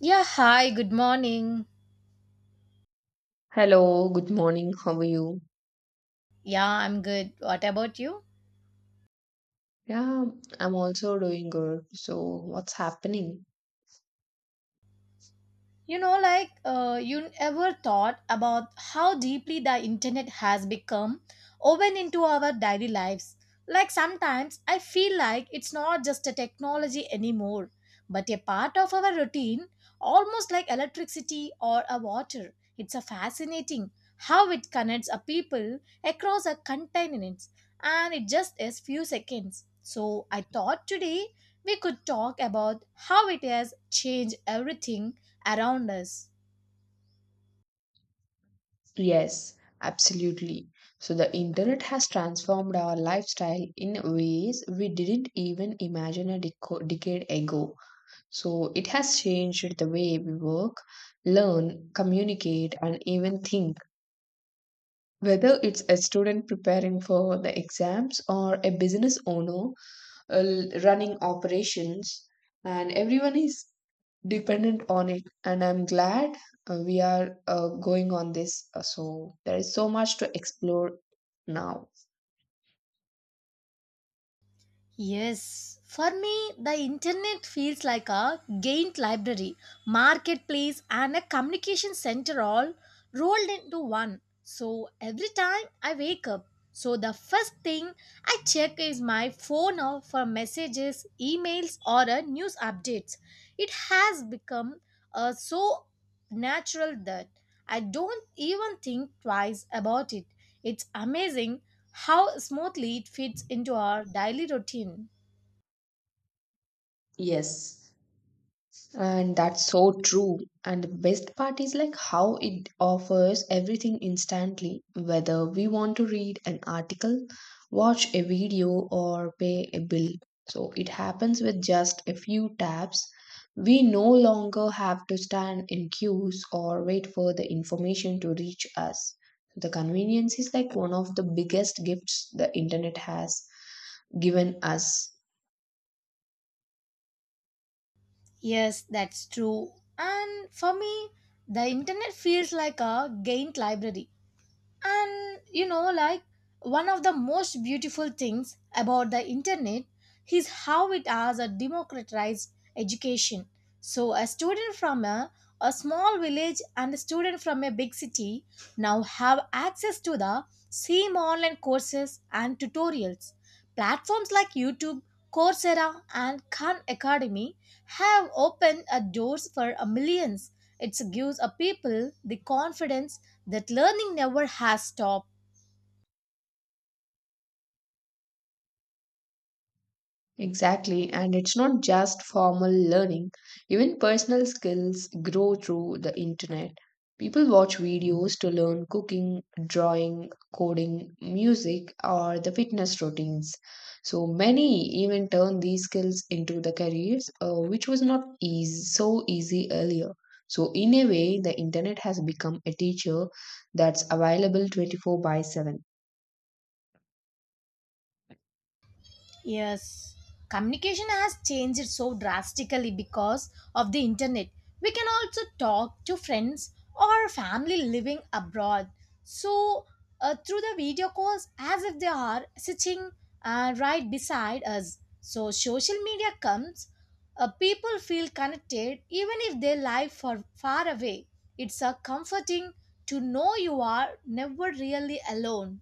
Yeah, hi, good morning. Hello, good morning. How are you? Yeah, I'm good. What about you? Yeah, I'm also doing good. So, what's happening? You know, like you ever thought about how deeply the internet has become woven into our daily lives? Like sometimes I feel like it's not just a technology anymore, but a part of our routine, almost like electricity or a water. It's a fascinating how it connects a people across a continent, and it just is few seconds. So I thought today we could talk about how it has changed everything around us. Yes, absolutely. So, the internet has transformed our lifestyle in ways we didn't even imagine a decade ago. So, it has changed the way we work, learn, communicate, and even think. Whether it's a student preparing for the exams or a business owner running operations, and everyone is dependent on it. And I'm glad we are going on this. So there is so much to explore now. Yes, for me, the internet feels like a giant library, marketplace, and a communication center all rolled into one. So every time I wake up, so the first thing I check is my phone or for messages, emails, or news updates. It has become so natural that I don't even think twice about it. It's amazing how smoothly it fits into our daily routine. Yes. And that's so true. And the best part is like how it offers everything instantly, whether we want to read an article, watch a video, or pay a bill. So it happens with just a few taps. We no longer have to stand in queues or wait for the information to reach us. The convenience is like one of the biggest gifts the internet has given us. Yes, that's true. And for me, the internet feels like a gained library. And you know, like one of the most beautiful things about the internet is how it has a democratized education. So, a small village and a student from a big city now have access to the same online courses and tutorials. Platforms like YouTube, Coursera, and Khan Academy have opened doors for millions. It gives a people the confidence that learning never has stopped. Exactly, and it's not just formal learning. Even personal skills grow through the internet. People watch videos to learn cooking, drawing, coding, music, or the fitness routines. So many even turn these skills into the careers, which was not easy, so easy earlier. So in a way, the internet has become a teacher that's available 24/7. Yes, communication has changed so drastically because of the internet. We can also talk to friends or family living abroad. So, through the video calls, as if they are sitting right beside us. So, social media comes, people feel connected even if they live for far away. It's a comforting to know you are never really alone.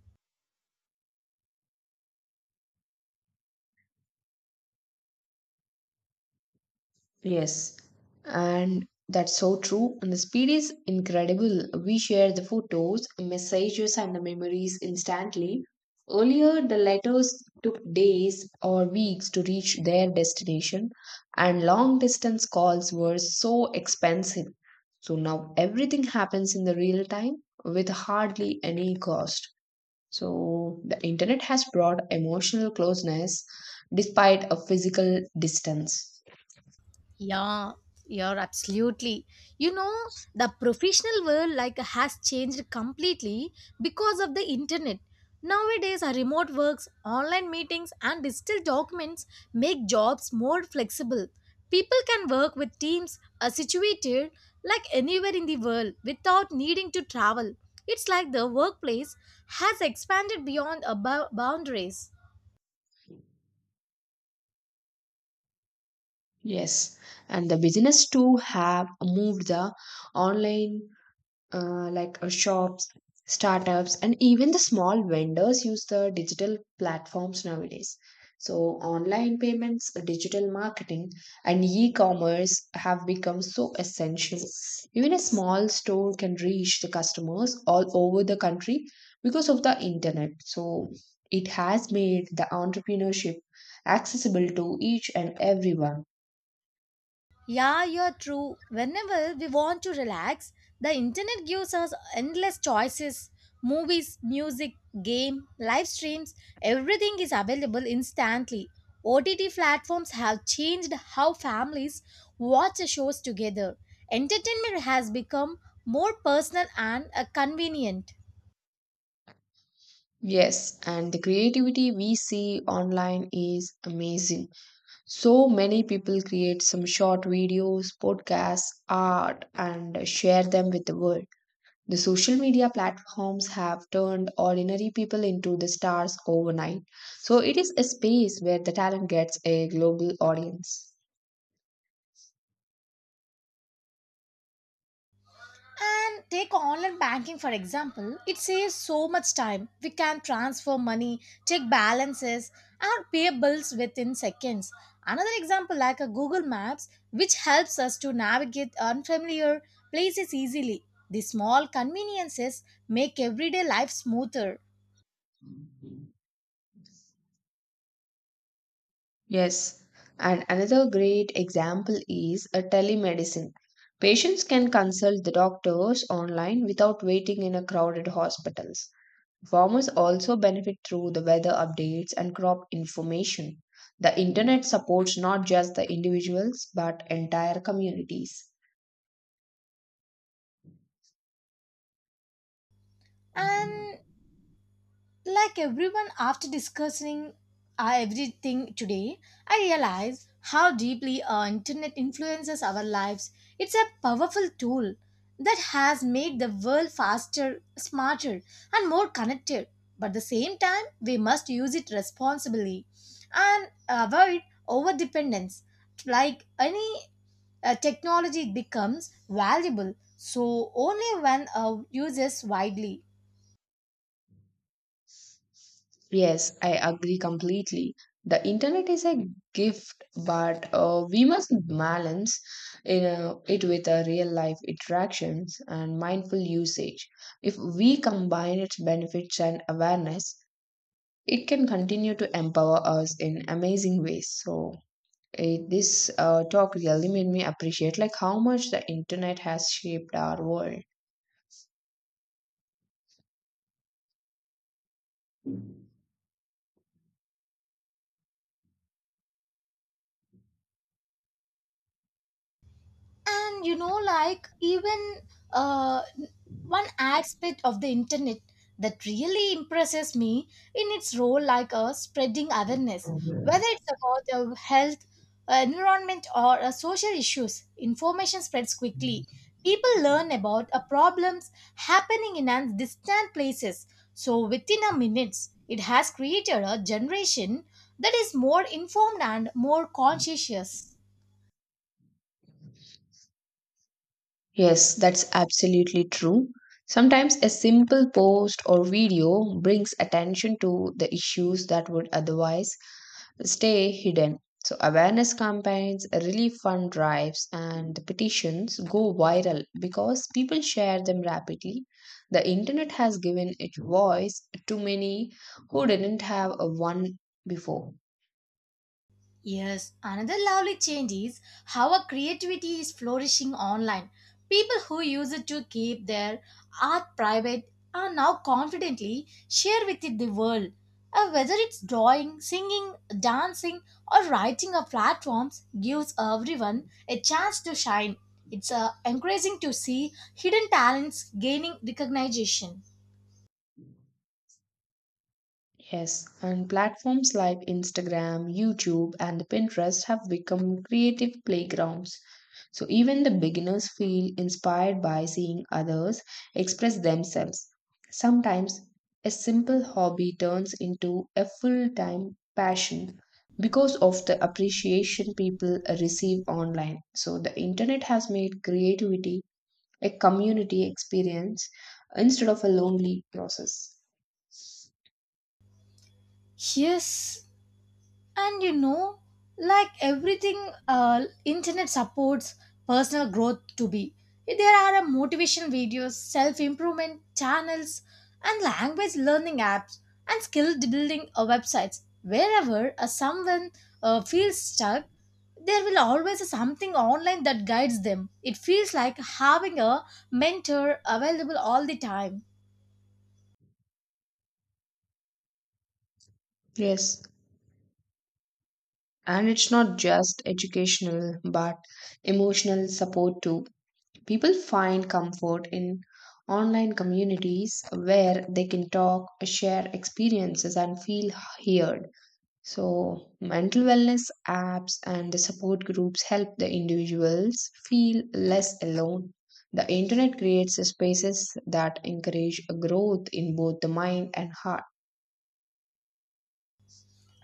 Yes, and that's so true. And the speed is incredible. We share the photos, messages, and the memories instantly. Earlier, the letters took days or weeks to reach their destination, and long distance calls were so expensive. So now everything happens in the real time with hardly any cost. So the internet has brought emotional closeness despite a physical distance. Yeah, you're absolutely. You know, the professional world like has changed completely because of the internet. Nowadays, our remote works, online meetings, and digital documents make jobs more flexible. People can work with teams are situated like anywhere in the world without needing to travel. It's like the workplace has expanded beyond boundaries. Yes, and the business too have moved the online shops, startups, and even the small vendors use the digital platforms nowadays. So, online payments, digital marketing, and e commerce have become so essential. Even a small store can reach the customers all over the country because of the internet. So, it has made the entrepreneurship accessible to each and everyone. Yeah, you're true. Whenever we want to relax, the internet gives us endless choices. Movies, music, game, live streams, everything is available instantly. OTT platforms have changed how families watch the shows together. Entertainment has become more personal and convenient. Yes, and the creativity we see online is amazing. So many people create some short videos, podcasts, art, and share them with the world. The social media platforms have turned ordinary people into the stars overnight. So it is a space where the talent gets a global audience. And take online banking for example, it saves so much time. We can transfer money, check balances, and pay bills within seconds. Another example, like a Google Maps, which helps us to navigate unfamiliar places easily. The small conveniences make everyday life smoother. Yes. And another great example is a telemedicine. Patients can consult the doctors online without waiting in a crowded hospitals. Farmers also benefit through the weather updates and crop information. The internet supports not just the individuals but entire communities. And like everyone, after discussing everything today, I realize how deeply our internet influences our lives. It's a powerful tool that has made the world faster, smarter, and more connected. But at the same time, we must use it responsibly and avoid over dependence. Like any technology, it becomes valuable, so only when used wisely. Yes, I agree completely. The internet is a gift, but we must balance it with a real life interactions and mindful usage. If we combine its benefits and awareness, it can continue to empower us in amazing ways. So, this talk really made me appreciate like how much the internet has shaped our world. And you know, like even uh, one aspect of the internet that really impresses me in its role like a spreading awareness, whether it's about health, environment, or social issues, information spreads quickly. People learn about problems happening in an distant places, so within a minutes it has created a generation that is more informed and more conscientious. Yes, that's absolutely true. Sometimes a simple post or video brings attention to the issues that would otherwise stay hidden. So, awareness campaigns, relief fund drives, and the petitions go viral because people share them rapidly. The internet has given it voice to many who didn't have a one before. Yes, another lovely change is how our creativity is flourishing online. People who use it to keep their art private are now confidently share with it the world. Whether it's drawing, singing, dancing, or writing or platforms gives everyone a chance to shine. It's encouraging to see hidden talents gaining recognition. Yes, and platforms like Instagram, YouTube, and Pinterest have become creative playgrounds. So even the beginners feel inspired by seeing others express themselves. Sometimes a simple hobby turns into a full time passion because of the appreciation people receive online. So the internet has made creativity a community experience instead of a lonely process. Yes, and you know, like everything internet supports personal growth to be, there are motivation videos, self improvement channels, and language learning apps, and skill building websites. Wherever someone feels stuck, there will always be something online that guides them. It feels like having a mentor available all the time. Yes, and it's not just educational, but emotional support too. People find comfort in online communities where they can talk, share experiences, and feel heard. So, mental wellness apps and the support groups help the individuals feel less alone. The internet creates spaces that encourage growth in both the mind and heart.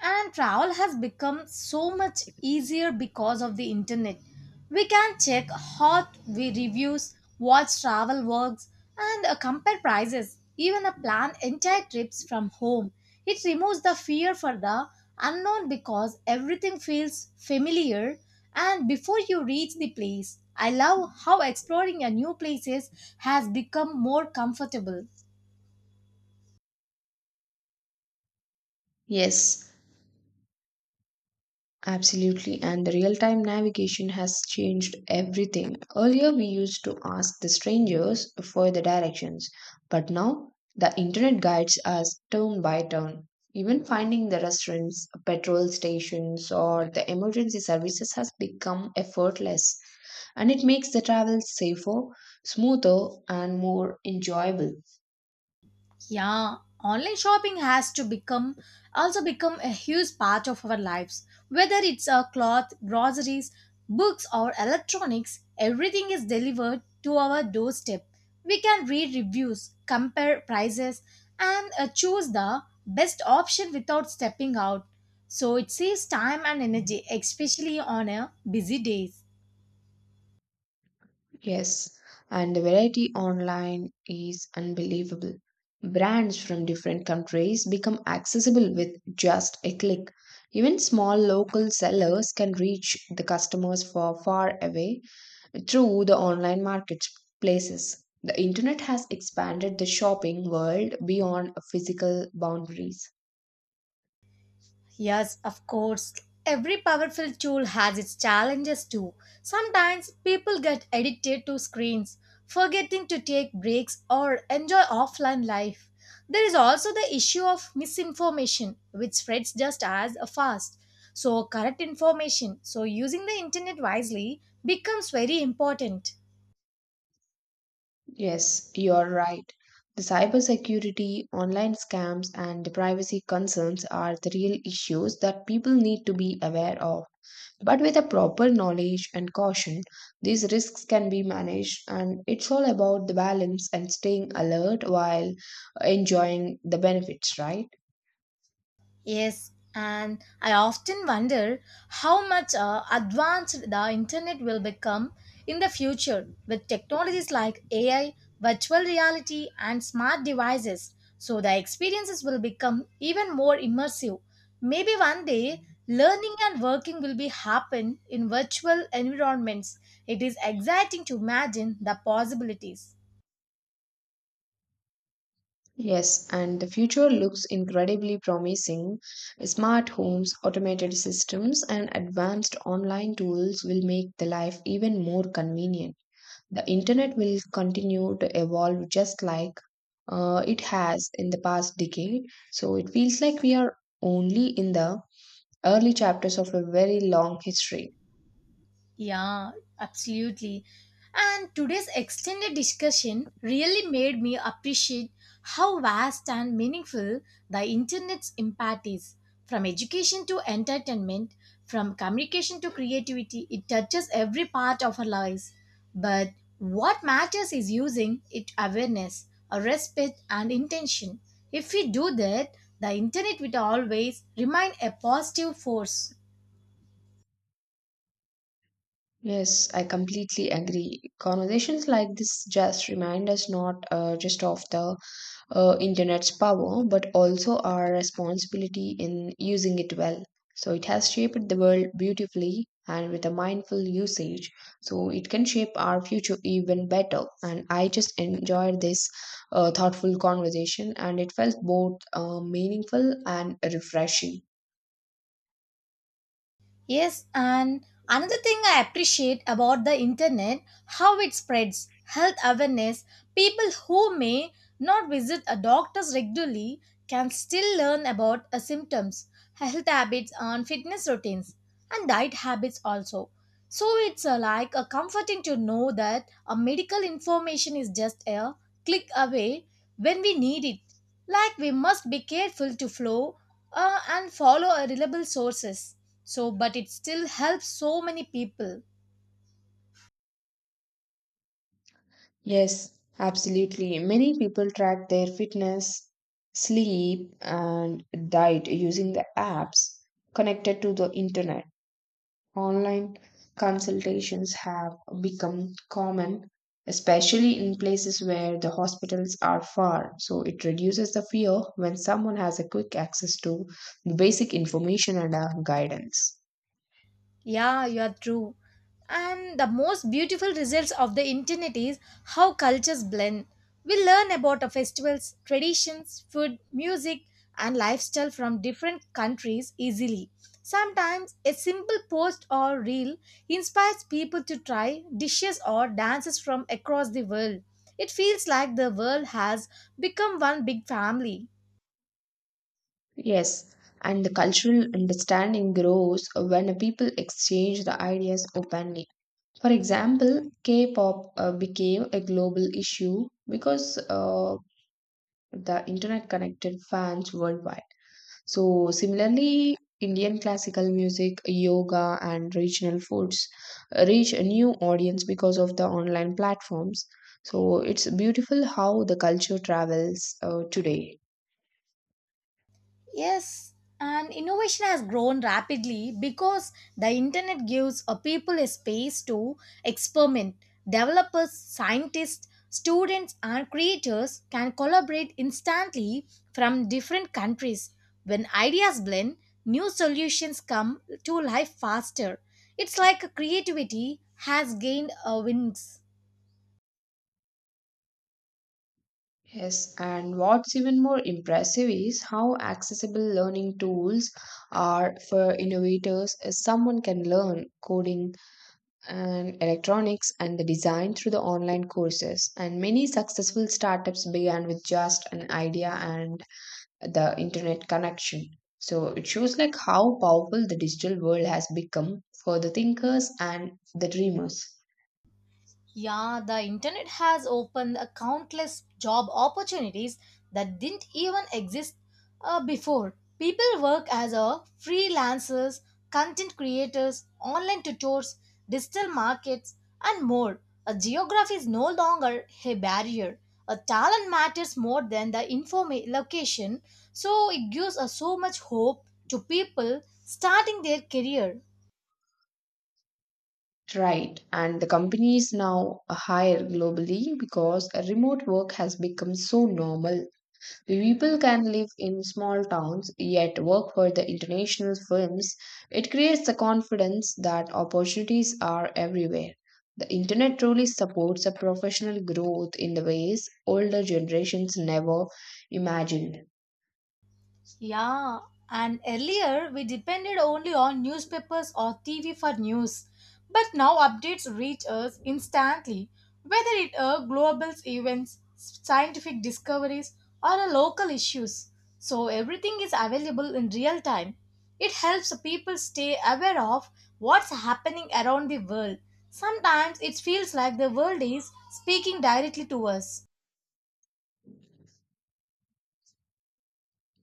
And travel has become so much easier because of the internet. We can check hot reviews, watch travel vlogs, and compare prices, even plan entire trips from home. It removes the fear for the unknown because everything feels familiar and before you reach the place. I love how exploring a new places has become more comfortable. Yes, absolutely, and the real time navigation has changed everything. Earlier, we used to ask the strangers for the directions, but now the internet guides us turn by turn. Even finding the restaurants, petrol stations, or the emergency services has become effortless, and it makes the travel safer, smoother, and more enjoyable. Yeah, online shopping has to become also become a huge part of our lives. Whether it's a cloth, groceries, books, or electronics, everything is delivered to our doorstep. We can read reviews, compare prices, and choose the best option without stepping out. So it saves time and energy, especially on a busy days. Yes, and the variety online is unbelievable. Brands from different countries become accessible with just a click. Even small local sellers can reach the customers for far away through the online marketplaces. The internet has expanded the shopping world beyond physical boundaries. Yes, of course. Every powerful tool has its challenges too. Sometimes people get addicted to screens, forgetting to take breaks or enjoy offline life. There is also the issue of misinformation, which spreads just as fast. So, correct information, so using the internet wisely, becomes very important. Yes, you're right. The cybersecurity, online scams, and the privacy concerns are the real issues that people need to be aware of. But with a proper knowledge and caution, these risks can be managed, and it's all about the balance and staying alert while enjoying the benefits, right? Yes, and I often wonder how much advanced the internet will become in the future with technologies like AI, virtual reality, and smart devices. So the experiences will become even more immersive. Maybe one day, learning and working will be happen in virtual environments. It is exciting to imagine the possibilities. Yes, and the future looks incredibly promising. Smart homes, automated systems, and advanced online tools will make the life even more convenient. The internet will continue to evolve just like it has in the past decade. So it feels like we are only in the early chapters of a very long history. Yeah, absolutely. And today's extended discussion really made me appreciate how vast and meaningful the internet's impact is. From education to entertainment, from communication to creativity, it touches every part of our lives. But what matters is using it awareness, a respect, and intention. If we do that, the internet will always remain a positive force. Yes, I completely agree. Conversations like this just remind us not just of the internet's power but also our responsibility in using it well. So it has shaped the world beautifully, and with a mindful usage, so it can shape our future even better. And I just enjoyed this thoughtful conversation, and it felt both meaningful and refreshing. Yes, and another thing I appreciate about the internet, how it spreads health awareness. People who may not visit a doctor's regularly can still learn about symptoms, health habits, and fitness routines, and diet habits also. So it's like a comforting to know that a medical information is just a click away when we need it. Like we must be careful to flow and follow reliable sources. So, but it still helps so many people. Yes, absolutely. Many people track their fitness, sleep, and diet using the apps connected to the internet. Online consultations have become common, especially in places where the hospitals are far. So it reduces the fear when someone has a quick access to the basic information and guidance. Yeah, you are true. And the most beautiful results of the internet is how cultures blend. We learn about the festivals, traditions, food, music, and lifestyle from different countries easily. Sometimes a simple post or reel inspires people to try dishes or dances from across the world. It feels like the world has become one big family. Yes, and the cultural understanding grows when people exchange the ideas openly. For example, K pop became a global issue because the internet connected fans worldwide. So, similarly, Indian classical music, yoga, and regional foods reach a new audience because of the online platforms. So, it's beautiful how the culture travels today. Yes, and innovation has grown rapidly because the internet gives a people a space to experiment. Developers, scientists, students, and creators can collaborate instantly from different countries. When ideas blend, new solutions come to life faster. It's like creativity has gained a wings. Yes, and what's even more impressive is how accessible learning tools are for innovators. As someone can learn coding and electronics and the design through the online courses. And many successful startups began with just an idea and the internet connection. So it shows like how powerful the digital world has become for the thinkers and the dreamers. Yeah, the internet has opened a countless job opportunities that didn't even exist before. People work as a freelancers, content creators, online tutors, digital markets, and more. A geography is no longer a barrier. A talent matters more than the location, so it gives us so much hope to people starting their career. Right, and the companies now hire globally because remote work has become so normal. People can live in small towns yet work for the international firms. It creates the confidence that opportunities are everywhere. The internet truly supports a professional growth in the ways older generations never imagined. Yeah, and earlier we depended only on newspapers or TV for news. But now updates reach us instantly, whether it are global events, scientific discoveries, or a local issues. So everything is available in real time. It helps people stay aware of what's happening around the world. Sometimes it feels like the world is speaking directly to us.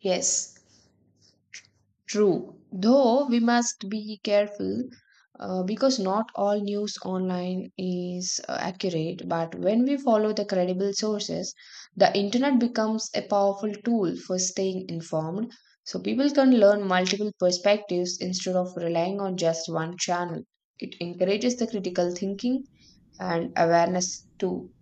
Yes, true, though we must be careful because not all news online is accurate, but when we follow the credible sources, the internet becomes a powerful tool for staying informed. So people can learn multiple perspectives instead of relying on just one channel. It encourages the critical thinking and awareness too.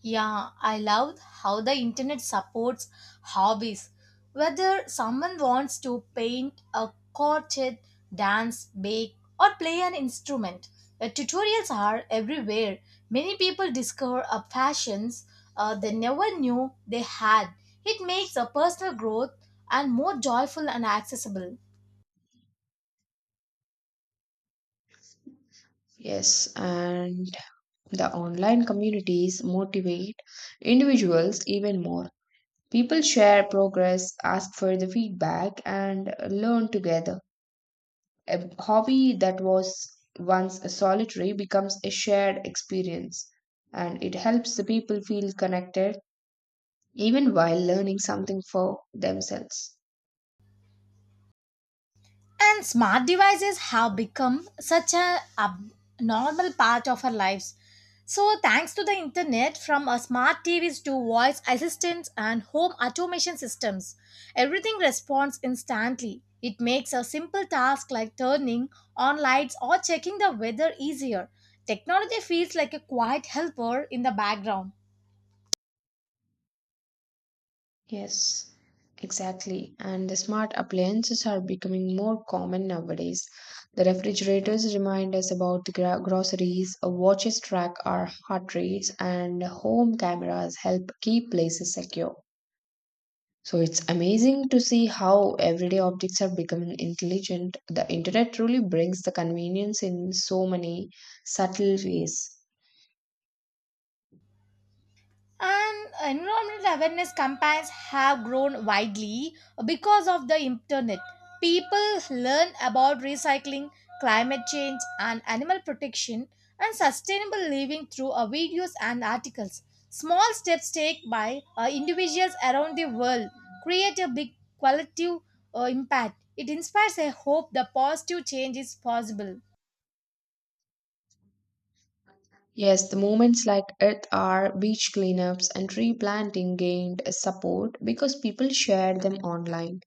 Yeah, I love how the internet supports hobbies. Whether someone wants to paint a crochet, dance, bake, or play an instrument, the tutorials are everywhere. Many people discover a passions they never knew they had. It makes a personal growth and more joyful and accessible. Yes, and the online communities motivate individuals even more. People share progress, ask for the feedback, and learn together. A hobby that was once a solitary becomes a shared experience, and it helps the people feel connected even while learning something for themselves. And smart devices have become such a normal part of our lives. So, thanks to the internet, from our smart TVs to voice assistants and home automation systems, everything responds instantly. It makes a simple task like turning on lights or checking the weather easier. Technology feels like a quiet helper in the background. Yes, exactly. And the smart appliances are becoming more common nowadays. The refrigerators remind us about the groceries, watches track our heart rates, and home cameras help keep places secure. So it's amazing to see how everyday objects are becoming intelligent. The internet truly brings the convenience in so many subtle ways. And environmental awareness campaigns have grown widely because of the internet. People learn about recycling, climate change, and animal protection, and sustainable living through videos and articles. Small steps taken by individuals around the world create a big collective impact. It inspires a hope the positive change is possible. Yes, the movements like Earth Hour, beach cleanups, and tree planting gained support because people shared them online.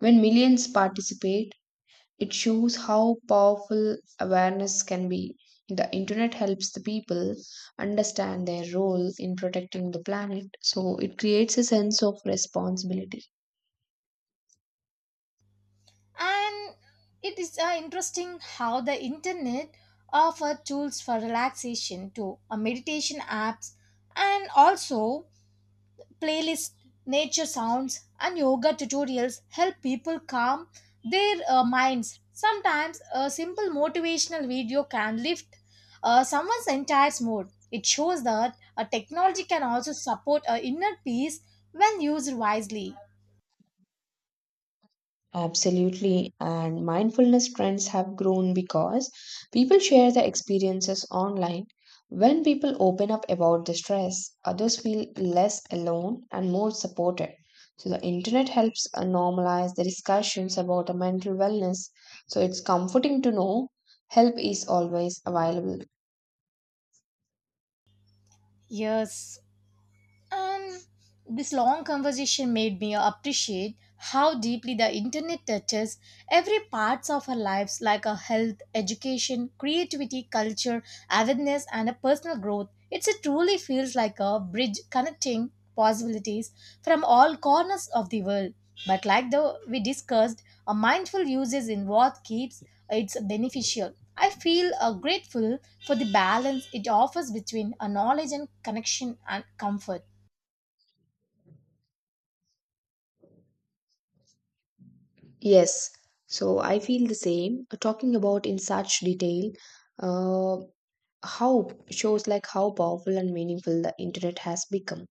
When millions participate, it shows how powerful awareness can be. The internet helps the people understand their role in protecting the planet, so it creates a sense of responsibility. And it is interesting how the internet offer tools for relaxation too, meditation apps, and also playlist, nature sounds, and yoga tutorials help people calm their minds. Sometimes a simple motivational video can lift someone's entire mood. It shows that technology can also support inner peace when used wisely. Absolutely. And mindfulness trends have grown because people share their experiences online. When people open up about the stress, others feel less alone and more supported. So the internet helps normalize the discussions about the mental wellness. So it's comforting to know help is always available. Yes. And this long conversation made me appreciate how deeply the internet touches every parts of our lives, like our health, education, creativity, culture, awareness, and a personal growth. It truly feels like a bridge connecting possibilities from all corners of the world. But like the we discussed, a mindful use is in what keeps it's beneficial. I feel grateful for the balance it offers between a knowledge and connection and comfort. Yes. So I feel the same. Talking about in such detail, uh, how shows like how powerful and meaningful the internet has become.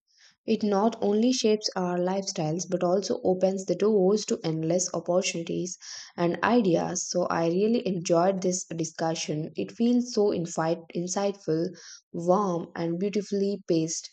It not only shapes our lifestyles but also opens the doors to endless opportunities and ideas. So I really enjoyed this discussion. It feels so insightful, warm, and beautifully paced.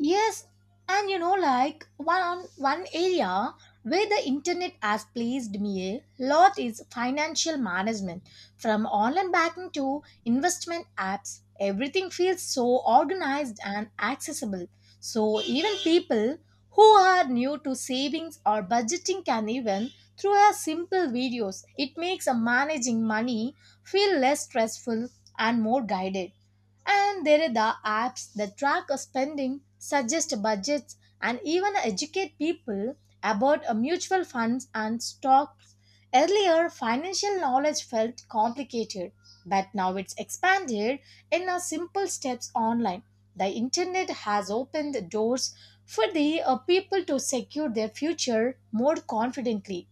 Yes, and you know, like one area where the internet has pleased me a lot is financial management. From online banking to investment apps, everything feels so organized and accessible. So even people who are new to savings or budgeting can even through a simple videos. It makes a managing money feel less stressful and more guided. And there are the apps that track our spending, suggest budgets, and even educate people about mutual funds and stocks. Earlier, financial knowledge felt complicated, but now it's expanded in a simple steps online. The internet has opened doors for the people to secure their future more confidently.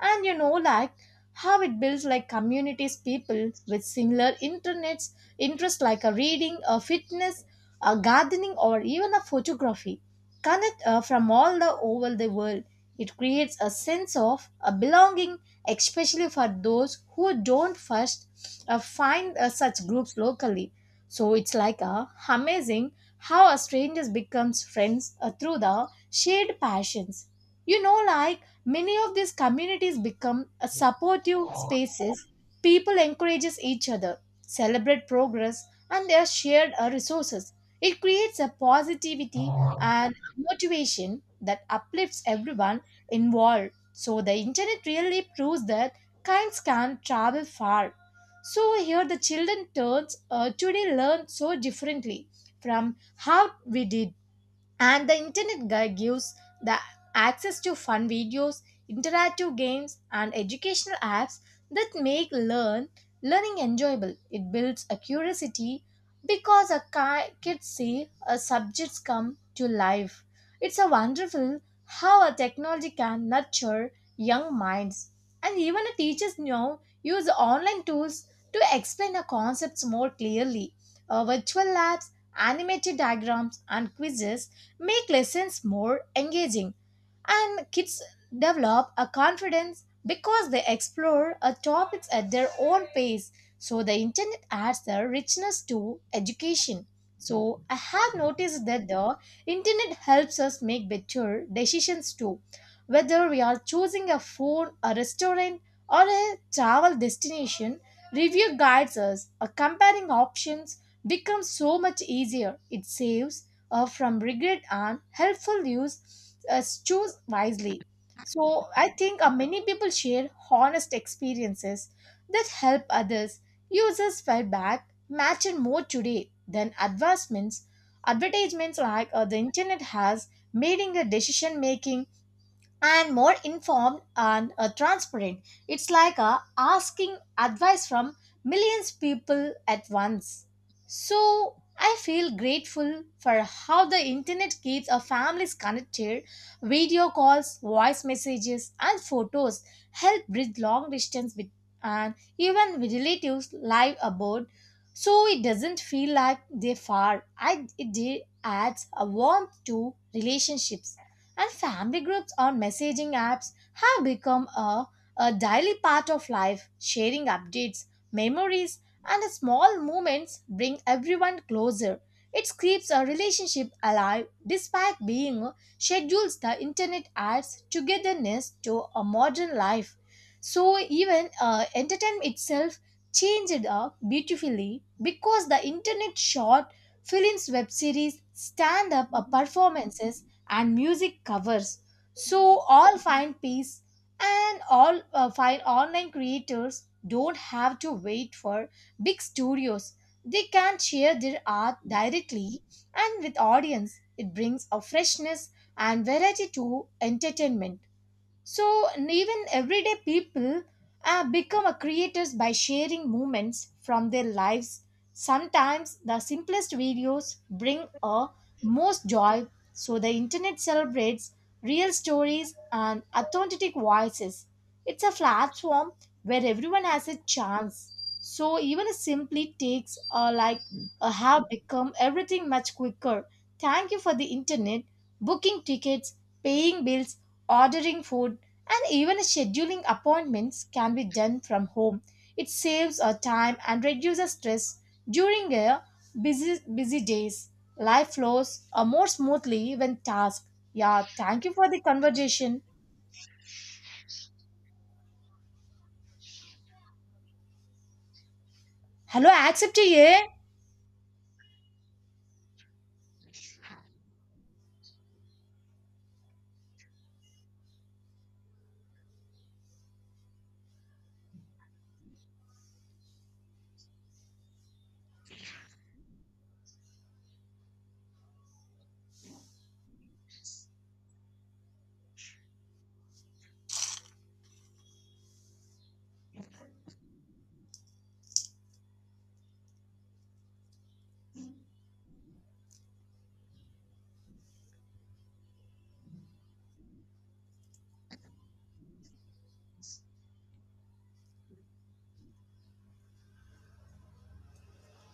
And you know, like how it builds like communities, people with similar internets interests like a reading, a fitness, a gardening, or even a photography connect from all the over the world. It creates a sense of a belonging, especially for those who don't first find such groups locally. So it's like a amazing how a strangers becomes friends through the shared passions. You know, like many of these communities become a supportive spaces. People encourages each other celebrate progress and their shared resources. It creates a positivity and motivation that uplifts everyone involved. So the internet really proves that kinds can travel far. So here the children turns today learn so differently from how we did. And the internet guy gives the access to fun videos, interactive games, and educational apps that make learning enjoyable. It builds a curiosity because a kids see a subjects come to life. It's a wonderful how a technology can nurture young minds. And even the teachers now use online tools to explain the concepts more clearly. Virtual labs, animated diagrams, and quizzes make lessons more engaging and kids develop a confidence because they explore a topics at their own pace. So the internet adds the richness to education. So I have noticed that the internet helps us make better decisions too, whether we are choosing a food, a restaurant, or a travel destination. Review guides us a comparing options becomes so much easier. It saves from regret and helpful use choose wisely. So I think many people share honest experiences that help others. Users felt back matter more today than advancements advertisements like the internet has made in a decision making and more informed and transparent. It's like asking advice from millions people at once. So I feel grateful for how the internet keeps our families connected. Video calls, voice messages, and photos help bridge long distance with and even with relatives live abroad. So it doesn't feel like they're far. Adds a warmth to relationships. And family groups on messaging apps have a daily part of life, sharing updates, memories, and small moments bring everyone closer. It keeps a relationship alive despite being schedules. The internet adds togetherness to a modern life. So even entertainment itself changed up beautifully because the internet short films, web series, stand up performances and music covers so all find peace and all find online. Creators don't have to wait for big studios. They can share their art directly and with audience. It brings a freshness and variety to entertainment. So even everyday people become a creators by sharing moments from their lives. Sometimes the simplest videos bring a most joy. So the internet celebrates real stories and authentic voices. It's a platform where everyone has a chance. So even a simply takes like have become everything much quicker. Thank you for the internet, booking tickets, paying bills, ordering food, and even scheduling appointments can be done from home. It saves our time and reduces stress during a busy days. Life flows more smoothly when tasked. Yeah, thank you for the conversation. Hello, accept ye.